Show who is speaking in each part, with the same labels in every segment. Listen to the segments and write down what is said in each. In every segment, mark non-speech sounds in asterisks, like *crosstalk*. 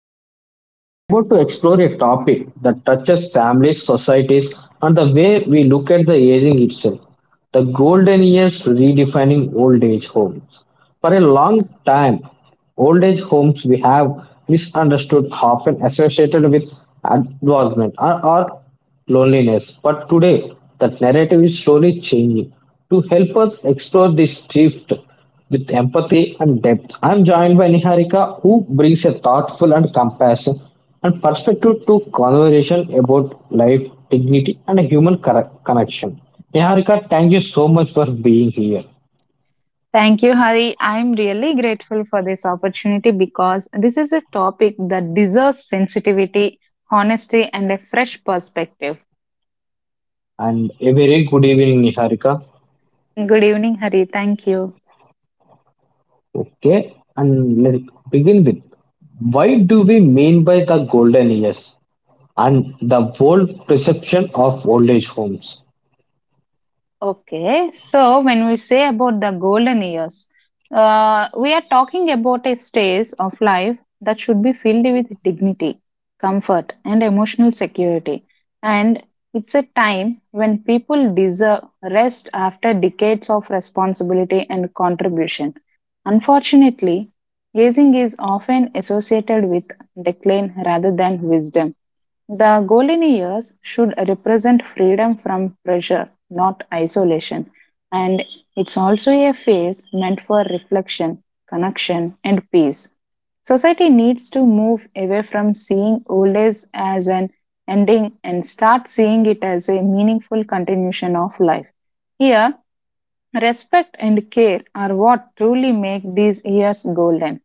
Speaker 1: Hari. We're about to explore a topic that touches families, societies and the way we look at the aging itself. The golden years, redefining old age homes. For a long time, old age homes we have misunderstood often associated with advancement or loneliness. But today, that narrative is slowly changing. To help us explore this shift with empathy and depth, I'm joined by Niharika, who brings a thoughtful and compassion and perspective to conversation about life, dignity, and human connection. Niharika, thank you so much for being here,
Speaker 2: Thank you, Hari. I'm really grateful for this opportunity because this is a topic that deserves sensitivity, honesty, and a fresh perspective.
Speaker 1: and a very good evening, Niharika.
Speaker 2: Good evening, Hari. Thank you.
Speaker 1: Okay, and let's begin with why do we mean by the golden years and the world perception of old age homes?
Speaker 2: Okay, so when we say about the golden years, we are talking about a stage of life that should be filled with dignity, comfort, and emotional security. And it's a time when people deserve rest after decades of responsibility and contribution. Unfortunately, aging is often associated with decline rather than wisdom the golden years should represent freedom from pressure, not isolation. And it's also a phase meant for reflection, connection, and peace. Society needs to move away from seeing old age as an ending and start seeing it as a meaningful continuation of life. Here, respect and care are what truly make these years golden.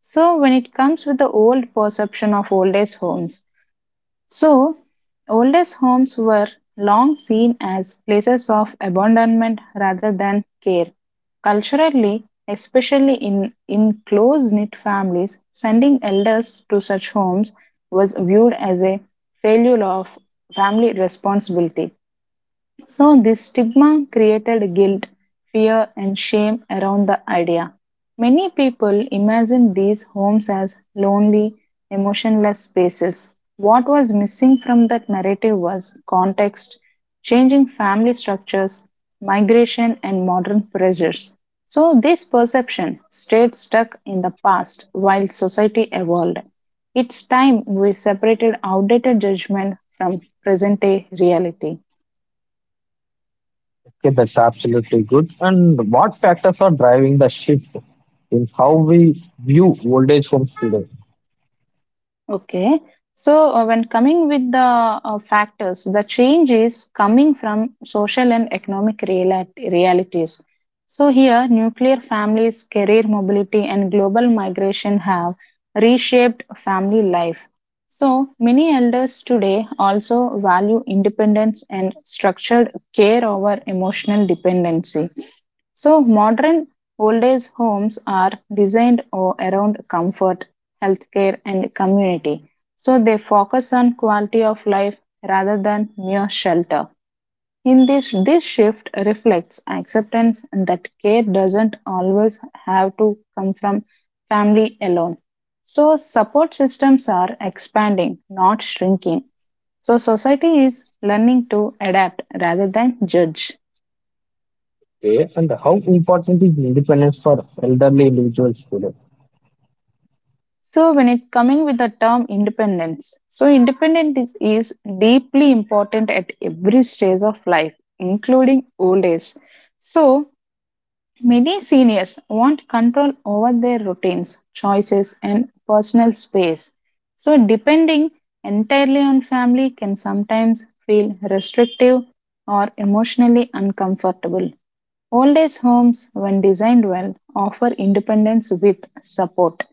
Speaker 2: So, when it comes with the old perception of old age homes, so, oldest homes were long seen as places of abandonment rather than care. Culturally, especially in close knit families, sending elders to such homes was viewed as a failure of family responsibility. So, this stigma created guilt, fear, and shame around the idea. Many people imagine these homes as lonely, emotionless spaces. What was missing from that narrative was context, changing family structures, migration, and modern pressures. So, this perception stayed stuck in the past while society evolved. It's time we separated outdated judgment from present day reality.
Speaker 1: Okay, that's absolutely good. And what factors are driving the shift in how we view old age homes today?
Speaker 2: Okay. So, when coming with the factors, the change is coming from social and economic realities. So, here, nuclear families, career mobility, and global migration have reshaped family life. So, many elders today also value independence and structured care over emotional dependency. So, modern old age homes are designed around comfort, healthcare, and community. So, they focus on quality of life rather than mere shelter. In this shift reflects acceptance that care doesn't always have to come from family alone. So, support systems are expanding, not shrinking. So, society is learning to adapt rather than judge.
Speaker 1: Okay, and how important is independence for elderly individuals today?
Speaker 2: So when it coming with the term independence, so independence is deeply important at every stage of life, including old age. So many seniors want control over their routines, choices, and personal space. So, depending entirely on family can sometimes feel restrictive or emotionally uncomfortable. Old age homes, when designed well, offer independence with support.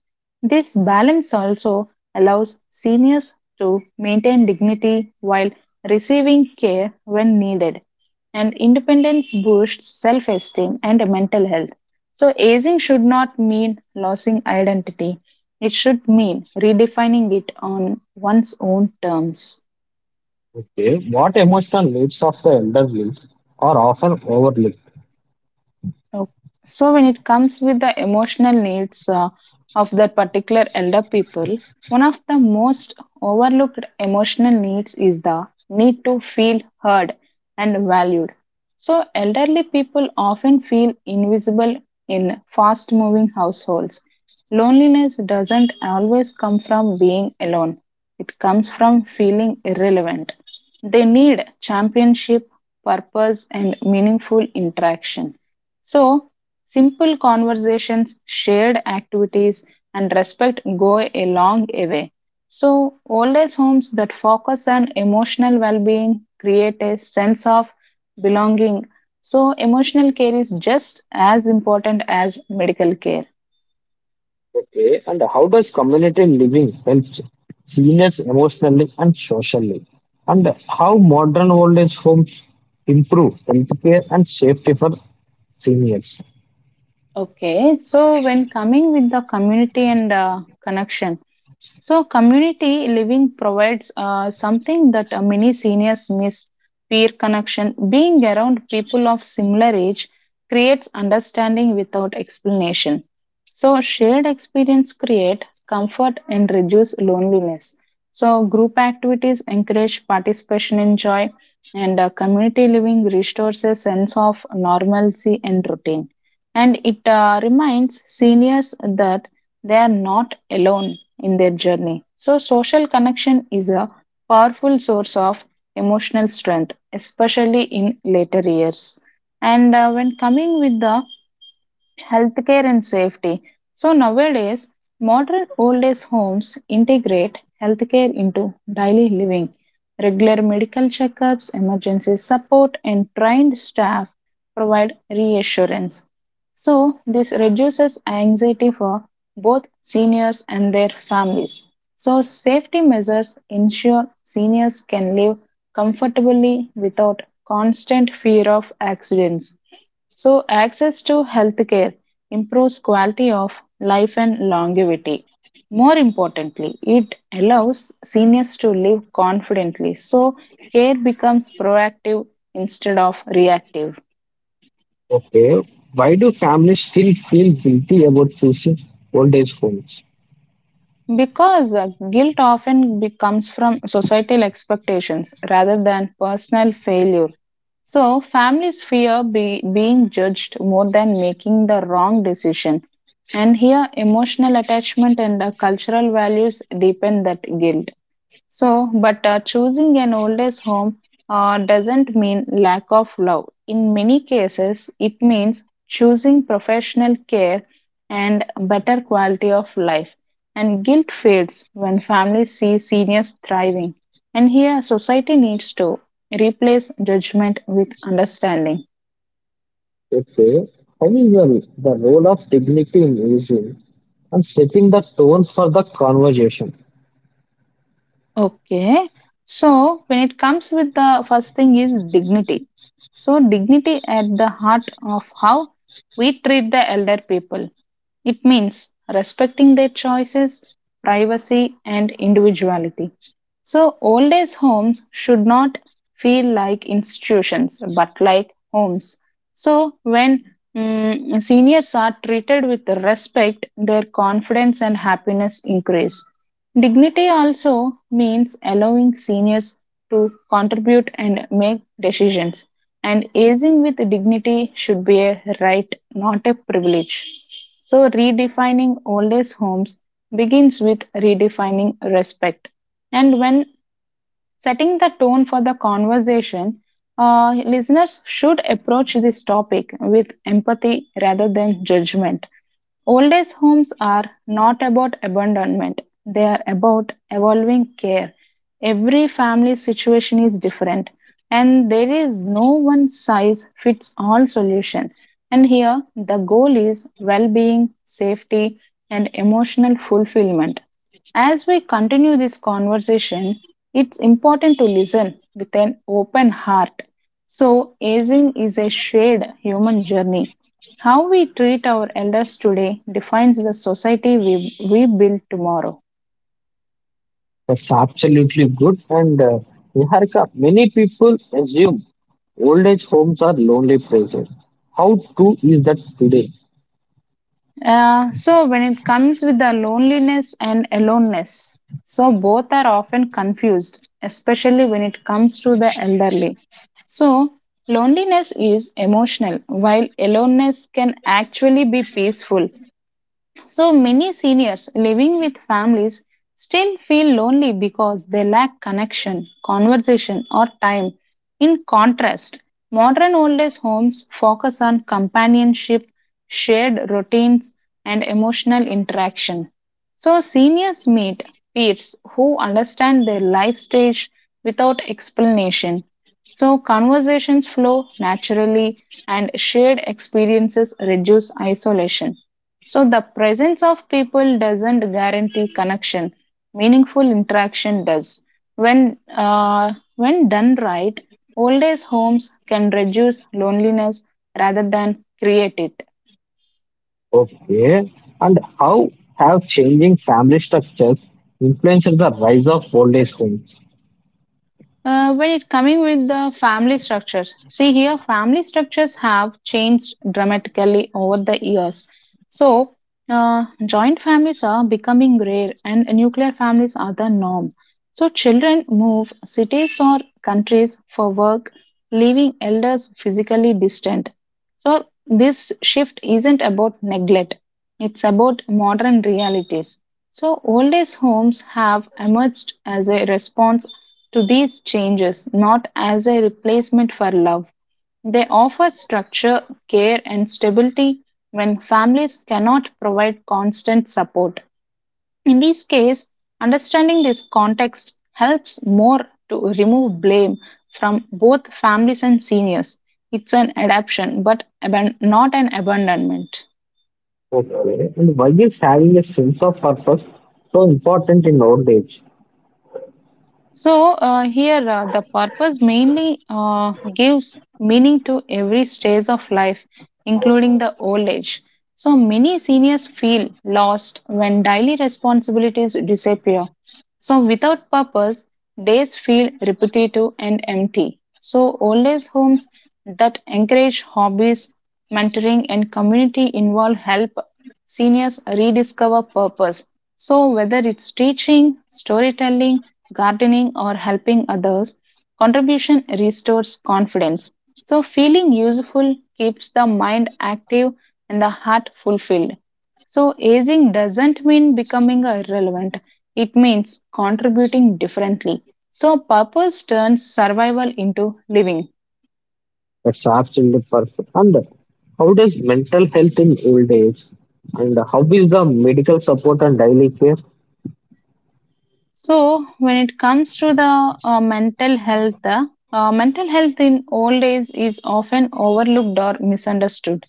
Speaker 2: This balance also allows seniors to maintain dignity while receiving care when needed and independence boosts self esteem and mental health. So, aging should not mean losing identity, it should mean redefining it on one's own terms.
Speaker 1: Okay, what emotional needs of the elderly are often overlooked?
Speaker 2: Oh. So, when it comes with the emotional needs of that particular elder people, one of the most overlooked emotional needs is the need to feel heard and valued. So, elderly people often feel invisible in fast moving households. Loneliness doesn't always come from being alone, it comes from feeling irrelevant. They need championship, purpose, and meaningful interaction. So, simple conversations, shared activities, and respect go a long way. So, old age homes that focus on emotional well being create a sense of belonging. So, emotional care is just as important as medical care.
Speaker 1: Okay, and how does community living help seniors emotionally and socially? And how modern old age homes improve healthcare and safety for seniors?
Speaker 2: Okay, so when coming with the community and connection, so, community living provides something that many seniors miss peer connection. Being around people of similar age creates understanding without explanation. So, shared experience create comfort and reduce loneliness. So, group activities encourage participation in joy, and community living restores a sense of normalcy and routine. And it reminds seniors that they are not alone in their journey. So, social connection is a powerful source of emotional strength, especially in later years. And when coming with the healthcare and safety. So nowadays, modern old age homes integrate healthcare into daily living. Regular medical checkups, emergency support, and trained staff provide reassurance. So this reduces anxiety for both seniors and their families. So safety measures ensure seniors can live comfortably without constant fear of accidents. So, access to healthcare improves quality of life and longevity. More importantly, it allows seniors to live confidently. So, care becomes proactive instead of reactive.
Speaker 1: Okay. Why do families still feel guilty about choosing old age homes?
Speaker 2: Because guilt often comes from societal expectations rather than personal failure. So, families fear being judged more than making the wrong decision. And here, emotional attachment and cultural values deepen that guilt. So, but choosing an old age home doesn't mean lack of love. In many cases, it means choosing professional care and better quality of life. And guilt fades when families see seniors thriving. And here, society needs to replace judgment with understanding.
Speaker 1: Okay. However, the role of dignity in aging and setting the tone for the conversation.
Speaker 2: Okay. So when it comes with the first thing is dignity. So dignity at the heart of how we treat the elder people. It means respecting their choices, privacy, and individuality. So, old age homes should not feel like institutions but like homes. So, when seniors are treated with respect, their confidence and happiness increase. Dignity also means allowing seniors to contribute and make decisions, and aging with dignity should be a right, not a privilege. So, redefining old age homes begins with redefining respect. And when setting the tone for the conversation, listeners should approach this topic with empathy rather than judgment. Old age homes are not about abandonment, they are about evolving care. Every family situation is different, and there is no one size fits all solution. And here, the goal is well being, safety, and emotional fulfillment. As we continue this conversation, it's important to listen with an open heart. So, aging is a shared human journey. How we treat our elders today defines the society we build tomorrow.
Speaker 1: That's absolutely good. And Niharika, many people assume old age homes are lonely places. How true is that today?
Speaker 2: So, when it comes with the loneliness and aloneness, so both are often confused, especially when it comes to the elderly. So, loneliness is emotional, while aloneness can actually be peaceful. So many seniors living with families still feel lonely because they lack connection, conversation, or time. In contrast, modern old age homes focus on companionship, shared routines, and emotional interaction. So seniors meet peers who understand their life stage without explanation. So conversations flow naturally and shared experiences reduce isolation. So, the presence of people doesn't guarantee connection, meaningful interaction does. When done right, old age homes can reduce loneliness rather than create it.
Speaker 1: Okay. And how have changing family structures influenced the rise of old age homes?
Speaker 2: When it coming with the family structures, see here, family structures have changed dramatically over the years. So, joint families are becoming rare, and nuclear families are the norm. So, children move cities or countries for work, leaving elders physically distant. So, this shift isn't about neglect; it's about modern realities. So, old age homes have emerged as a response to these changes, not as a replacement for love. They offer structure, care, and stability when families cannot provide constant support. In this case, understanding this context helps more to remove blame from both families and seniors. It's an adaptation, but not an abandonment.
Speaker 1: Okay. And why is having a sense of purpose so important in old age?
Speaker 2: So here the purpose mainly gives meaning to every stage of life, including the old age. So many seniors feel lost when daily responsibilities disappear. So, without purpose, days feel repetitive and empty. So, old age homes that encourage hobbies, mentoring, and community involved help seniors rediscover purpose. So, whether it's teaching, storytelling, gardening, or helping others, contribution restores confidence. So, feeling useful keeps the mind active and the heart fulfilled. So, aging doesn't mean becoming irrelevant. It means contributing differently. So, purpose turns survival into living.
Speaker 1: That's absolutely perfect. And how does mental health in old age? And how is the medical support and daily care?
Speaker 2: So, when it comes to the mental health, mental health in old age is often overlooked or misunderstood.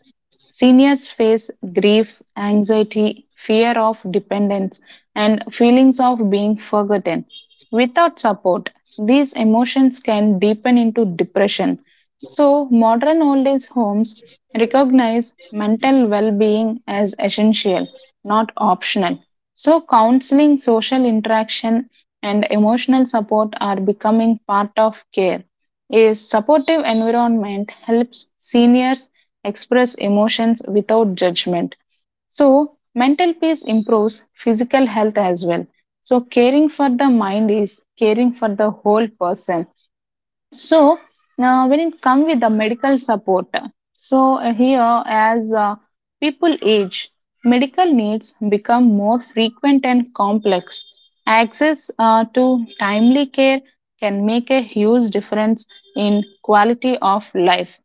Speaker 2: Seniors face grief, anxiety, fear of dependence, and feelings of being forgotten. Without support, these emotions can deepen into depression. So, modern old age homes recognize mental well being as essential, not optional. So, counseling, social interaction, and emotional support are becoming part of care. A supportive environment helps seniors express emotions without judgment. So, mental peace improves physical health as well. So, caring for the mind is caring for the whole person. So, when it comes with the medical support, so here as people age, medical needs become more frequent and complex. Access to timely care can make a huge difference in quality of life.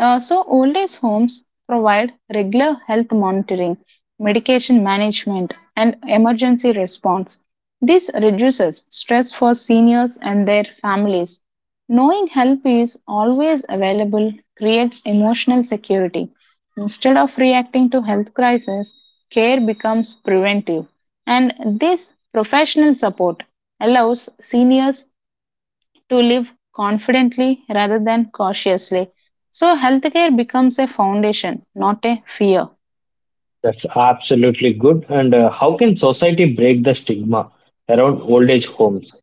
Speaker 2: So, old age homes provide regular health monitoring, medication management, and emergency response. This reduces stress for seniors and their families. Knowing help is always available creates emotional security. Instead of reacting to health crisis, care becomes preventive. And this professional support allows seniors to live confidently rather than cautiously. So, healthcare becomes a foundation, not a fear.
Speaker 1: That's absolutely good. And how can society break the stigma around old age homes?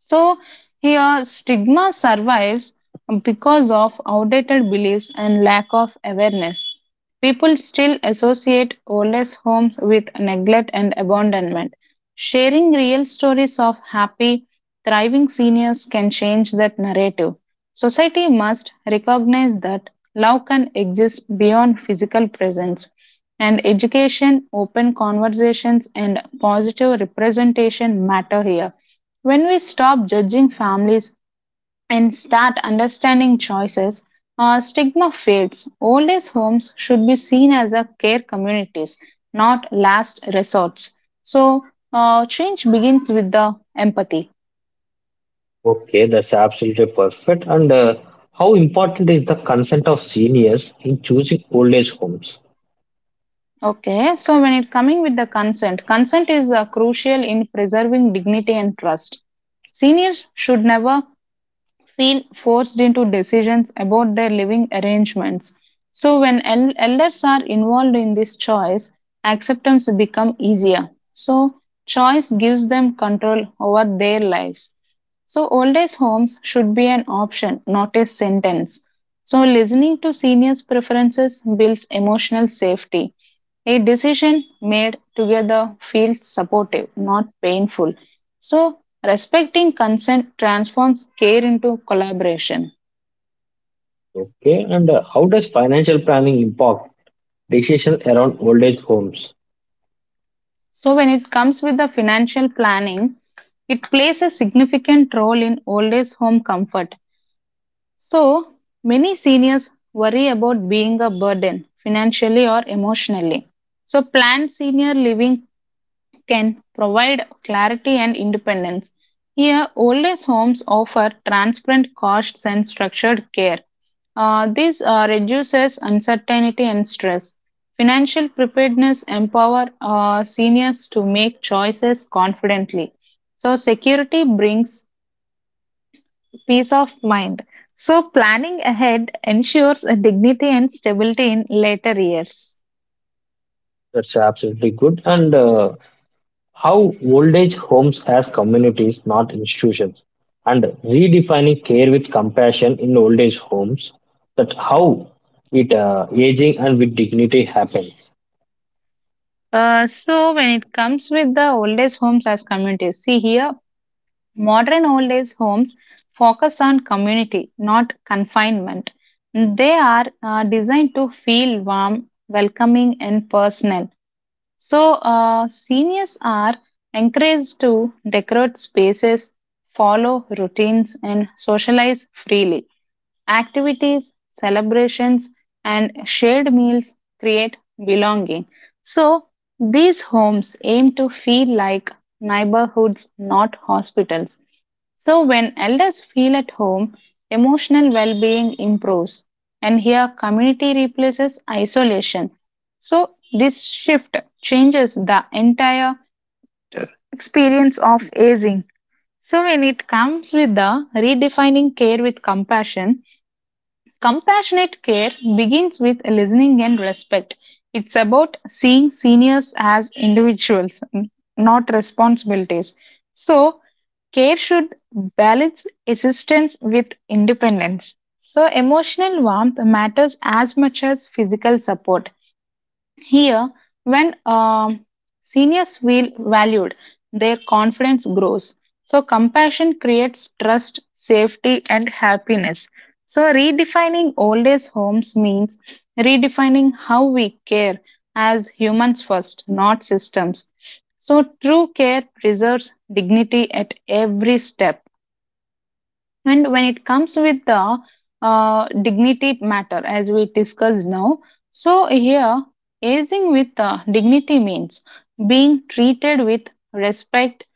Speaker 2: So here stigma survives because of outdated beliefs and lack of awareness. People still associate oldest homes with neglect and abandonment. Sharing real stories of happy, thriving seniors can change that narrative. Society must recognize that love can exist beyond physical presence, and education, open conversations, and positive representation matter here. When we stop judging families and start understanding choices, stigma fades. Old age homes should be seen as a care communities, not last resorts. So, change begins with the empathy.
Speaker 1: Okay, that's absolutely perfect. And how important is the consent of seniors in choosing old age homes?
Speaker 2: Okay, so when it coming with the consent, consent is crucial in preserving dignity and trust. Seniors should never feel forced into decisions about their living arrangements. So, when elders are involved in this choice, acceptance become easier. So, choice gives them control over their lives. So, old age homes should be an option, not a sentence. So, listening to seniors' preferences builds emotional safety. A decision made together feels supportive, not painful. So, Respecting consent transforms care into collaboration.
Speaker 1: Okay, and how does financial planning impact decision around old age homes?
Speaker 2: So, when it comes with the financial planning, it plays a significant role in old age home comfort. So, many seniors worry about being a burden financially or emotionally. So, planned senior living can provide clarity and independence. Here, old age homes offer transparent costs and structured care. This reduces uncertainty and stress. Financial preparedness empower seniors to make choices confidently. So, security brings peace of mind. So, planning ahead ensures a dignity and stability in later years.
Speaker 1: That's absolutely good. And how old age homes as communities, not institutions, and redefining care with compassion in old age homes. That how it aging and with dignity happens.
Speaker 2: So when it comes with the old age homes as communities, see here Modern old age homes focus on community, not confinement. They are designed to feel warm, welcoming, and personal. So, seniors are encouraged to decorate spaces, follow routines, and socialize freely. Activities, celebrations, and shared meals create belonging. So, these homes aim to feel like neighborhoods, not hospitals. So, when elders feel at home, emotional well being improves, and here community replaces isolation. So, this shift changes the entire experience of aging. So, when it comes with the redefining care with compassion, compassionate care begins with listening and respect. It's about seeing seniors as individuals, not responsibilities. So, care should balance assistance with independence. So, emotional warmth matters as much as physical support. Here, when seniors feel valued, their confidence grows. So, compassion creates trust, safety, and happiness. So, redefining old age homes means redefining how we care as humans first, not systems. So, true care preserves dignity at every step. And when it comes with the dignity matter, as we discussed now, so here aging with dignity means being treated with respect,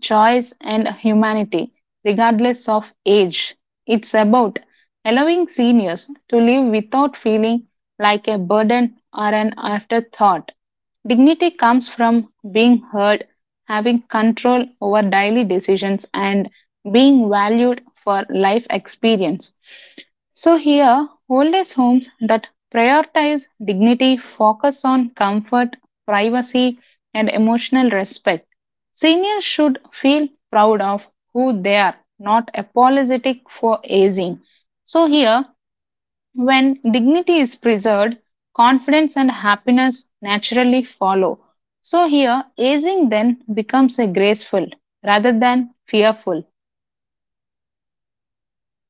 Speaker 2: choice, and humanity, regardless of age. It's about allowing seniors to live without feeling like a burden or an afterthought. Dignity comes from being heard, having control over daily decisions, and being valued for life experience. So, here, old age homes that prioritize dignity focus on comfort, privacy, and emotional respect. Seniors should feel proud of who they are, not apologetic for aging. So, here, when dignity is preserved, confidence and happiness naturally follow. So, here, aging then becomes a graceful rather than fearful.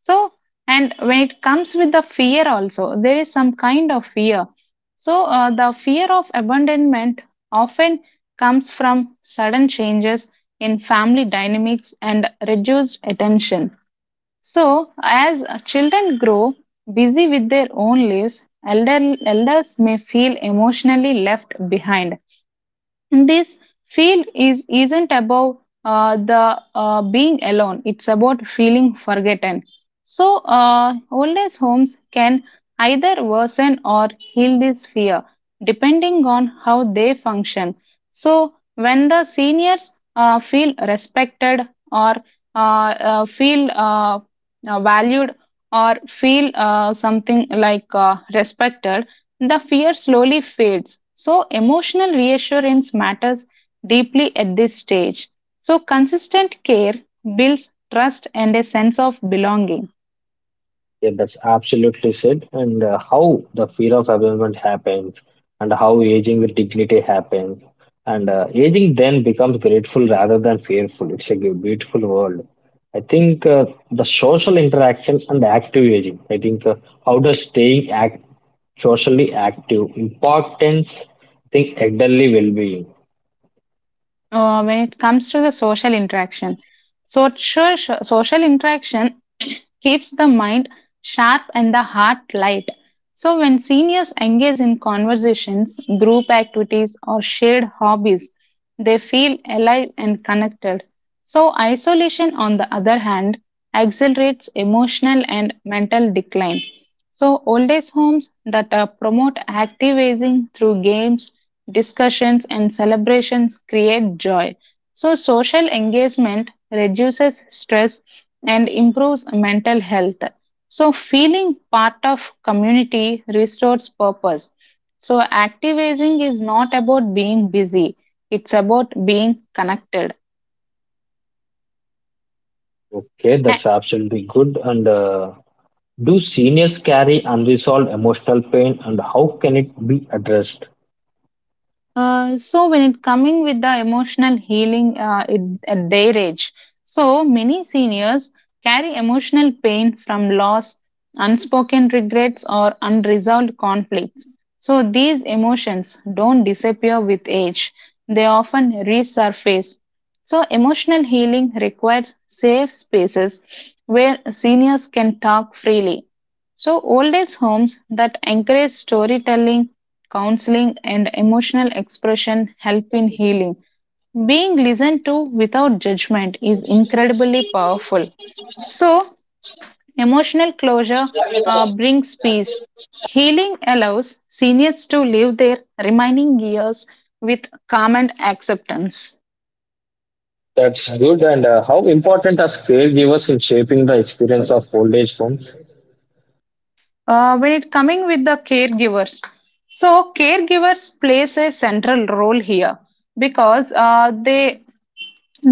Speaker 2: So, and when it comes with the fear, also, there is some kind of fear. So, the fear of abandonment often comes from sudden changes in family dynamics and reduced attention. So, as children grow busy with their own lives, elders may feel emotionally left behind. And this feel is isn't about the being alone, it's about feeling forgotten. So old age homes can either worsen or heal this fear depending on how they function. So when the seniors feel respected or uh, feel valued or feel something like respected, the fear slowly fades. So, emotional reassurance matters deeply at this stage. So, consistent care builds trust and a sense of belonging.
Speaker 1: Yeah, that's absolutely said. And how the fear of abandonment happens, and how aging with dignity happens, and aging then becomes grateful rather than fearful. It's a beautiful world. I think the social interaction and active aging. I think how does staying act socially active importance? I think elderly well-being.
Speaker 2: When it comes to the social interaction, so, sure, social interaction keeps the mind sharp and the heart light. So, when seniors engage in conversations, group activities, or shared hobbies, they feel alive and connected. So, isolation, on the other hand, accelerates emotional and mental decline. So, old age homes that promote active aging through games, discussions, and celebrations create joy. So, social engagement reduces stress and improves mental health. So, feeling part of community restores purpose. So, activism is not about being busy, it's about being connected.
Speaker 1: Okay, that's absolutely good. And do seniors carry unresolved emotional pain, and how can it be addressed?
Speaker 2: So when it coming with the emotional healing at their age, so many seniors carry emotional pain from loss, unspoken regrets, or unresolved conflicts. So these emotions don't disappear with age; they often resurface. So emotional healing requires safe spaces where seniors can talk freely. So old age homes that encourage storytelling counseling, and emotional expression help in healing. Being listened to without judgment is incredibly powerful. So, emotional closure brings peace. Healing allows seniors to live their remaining years with calm and acceptance.
Speaker 1: That's good. And how important are caregivers in shaping the experience of old age home?
Speaker 2: When it coming with the caregivers, so caregivers plays a central role here because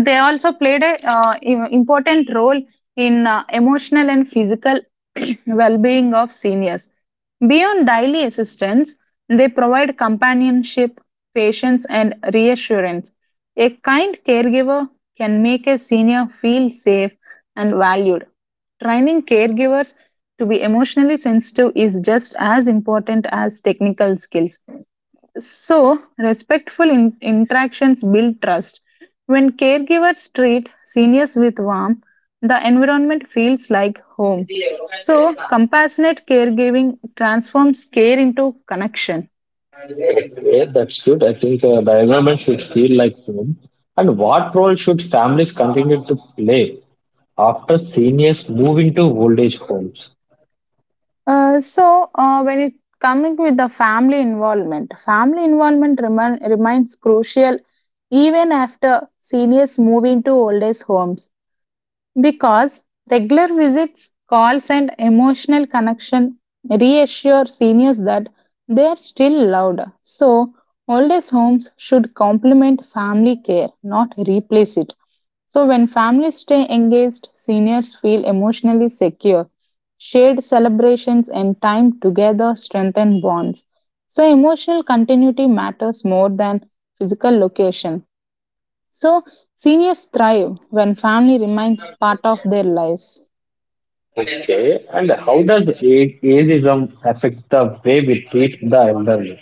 Speaker 2: they also played a important role in emotional and physical *clears throat* well-being of seniors. Beyond daily assistance, they provide companionship, patience, and reassurance. A kind caregiver can make a senior feel safe and valued. Training caregivers to be emotionally sensitive is just as important as technical skills. So, respectful interactions build trust. When caregivers treat seniors with warmth, the environment feels like home. So, compassionate caregiving transforms care into connection.
Speaker 1: Yeah, that's good. I think the environment should feel like home. And what role should families continue to play after seniors move into old age homes?
Speaker 2: When it coming with the family involvement remains crucial even after seniors move into old age homes. Because regular visits, calls, and emotional connection reassure seniors that they are still loved. So, old age homes should complement family care, not replace it. So, when families stay engaged, seniors feel emotionally secure. Shared celebrations and time together strengthen bonds. So, emotional continuity matters more than physical location. So, seniors thrive when family remains part of their lives.
Speaker 1: Okay. And how does ageism affect the way we treat the elderly?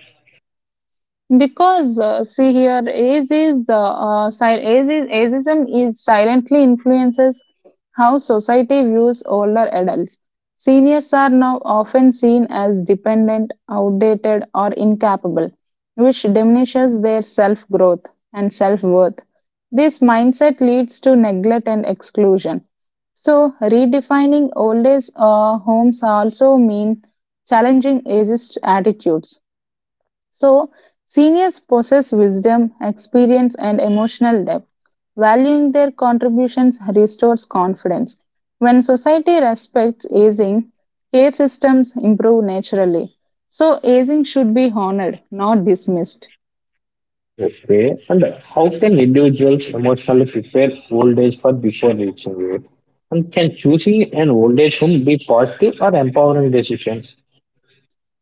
Speaker 2: Because see here, age is si- age is ageism is silently influences how society views older adults. Seniors are now often seen as dependent, outdated, or incapable, which diminishes their self growth and self worth. This mindset leads to neglect and exclusion. So, redefining old age homes also mean challenging ageist attitudes, so, seniors possess wisdom, experience, and emotional depth. Valuing their contributions restores confidence. When society respects aging, care systems improve naturally. So, aging should be honored, not dismissed.
Speaker 1: Okay. And how can individuals emotionally prepare old age for before reaching it? And can choosing an old age home be positive or empowering decision?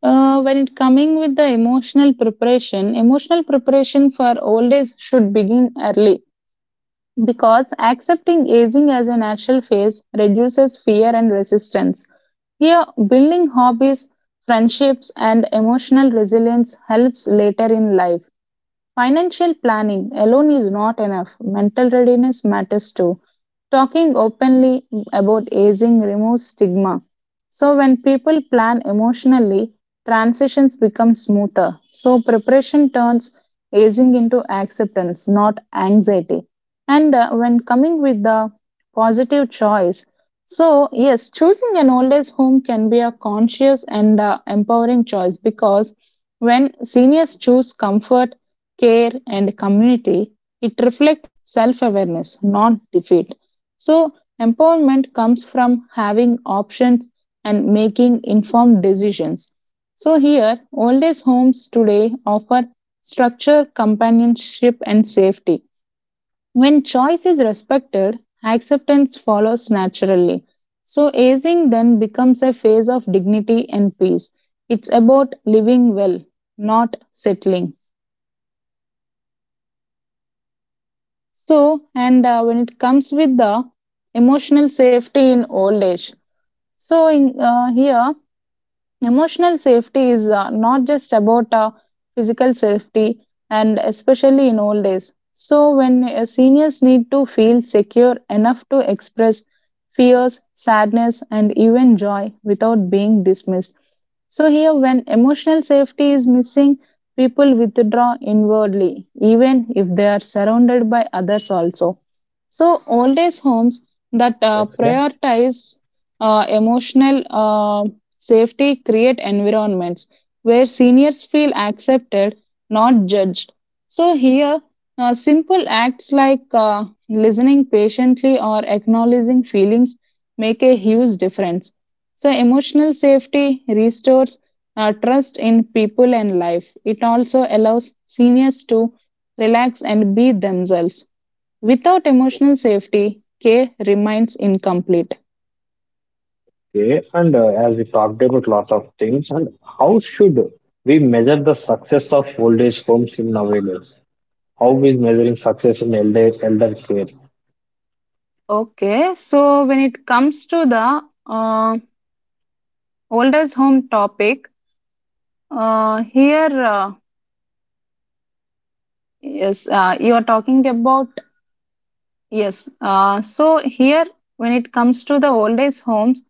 Speaker 2: When it coming with the emotional preparation for old age should begin early. Because accepting aging as a natural phase reduces fear and resistance. Here, building hobbies, friendships, and emotional resilience helps later in life. Financial planning alone is not enough. Mental readiness matters too. Talking openly about aging removes stigma. So, when people plan emotionally, transitions become smoother. So, preparation turns aging into acceptance, not anxiety. And when coming with the positive choice, so yes, choosing an old age home can be a conscious and empowering choice because when seniors choose comfort care, and community, it reflects self awareness, not defeat. So, empowerment comes from having options and making informed decisions. So, here, old age homes today offer structure, companionship, and safety. When choice is respected, acceptance follows naturally. So, aging then becomes a phase of dignity and peace. It's about living well, not settling.
Speaker 1: That's absolutely good
Speaker 2: So, and when it comes
Speaker 1: and
Speaker 2: with the
Speaker 1: way.
Speaker 2: emotional
Speaker 1: Okay.
Speaker 2: safety in old age, so in, here Emotional safety is not just about physical safety, and especially in old age. So, when seniors need to feel secure enough to express fears, sadness, and even joy without being dismissed. So, here, when emotional safety is missing, people withdraw inwardly, even if they are surrounded by others also. So, old age homes that
Speaker 1: Okay.
Speaker 2: prioritize emotional Safety create environments where seniors feel accepted, not judged. So here, simple acts like listening patiently or acknowledging feelings make a huge difference. So emotional safety restores trust in people and life. It also allows seniors to relax and be themselves. Without emotional safety, care remains incomplete.
Speaker 1: Okay. And as we talked about lot of things, and how should we measure the success of old age homes in nowadays? How is measuring success in elder care?
Speaker 2: Okay, so when it comes to the uh, oldest home topic, here yes, you are talking about yes. So here, when it comes to the oldest homes,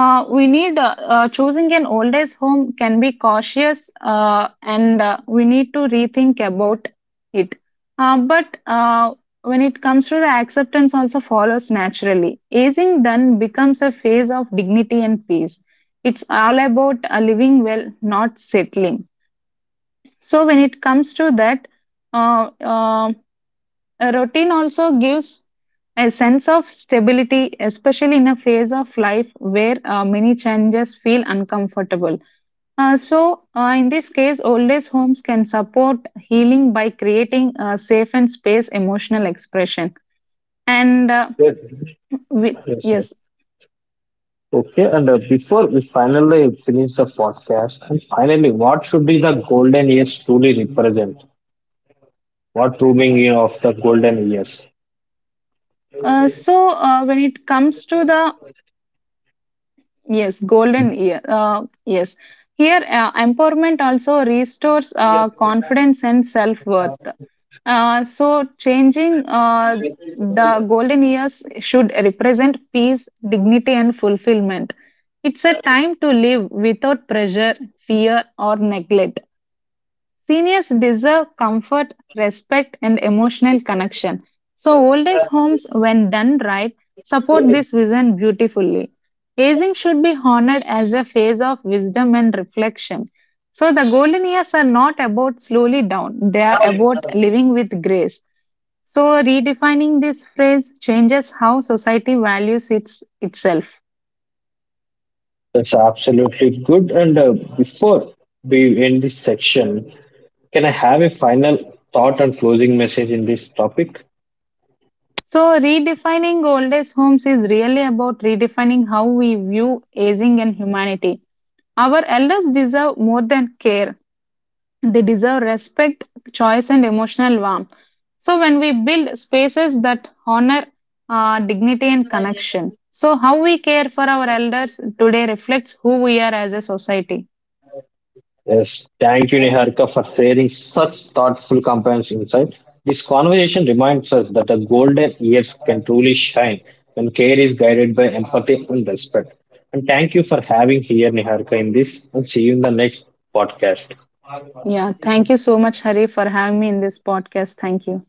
Speaker 2: We need choosing an old age home can be cautious and we need to rethink about it. But When it comes to the acceptance also follows naturally. Aging then becomes a phase of dignity and peace. It's all about living well, not settling. So when it comes to that, uh, uh, a routine also gives a sense of stability, especially in a phase of life where many changes feel uncomfortable. In this case, old age homes can support healing by creating a safe and space emotional expression. And
Speaker 1: Yes.
Speaker 2: we,
Speaker 1: Yes.
Speaker 2: yes,
Speaker 1: Okay, and before we finally finish the podcast, and finally, what should be the golden years truly represent? What true meaning of the golden years?
Speaker 2: when it comes to the yes golden year, yes. Here, empowerment also restores confidence and self worth. So, changing The golden years should represent peace, dignity, and fulfillment. It's a time to live without pressure, fear, or neglect. Seniors deserve comfort, respect, and emotional connection. So, old age homes, when done right, support this vision beautifully. Aging should be honored as a phase of wisdom and reflection. So, the golden years are not about slowly down, they are about living with grace. So, redefining this phrase changes how society values itself.
Speaker 1: That's absolutely good. And before we end this section, can I have a final thought and closing message in this topic?
Speaker 2: So, redefining old age homes is really about redefining how we view aging and humanity. Our elders deserve more than care. They deserve respect, choice, and emotional warmth. So, when we build spaces that honor dignity and connection, so how we care for our elders today reflects who we are as a society.
Speaker 1: Yes, thank you, Niharika, for sharing such thoughtful companion's insight. This conversation reminds us that the golden years can truly shine when care is guided by empathy and respect. And thank you for having here, Niharika, in this, and see you in the next podcast.
Speaker 2: Yeah, thank you so much, Hari, for having me in this podcast. Thank you.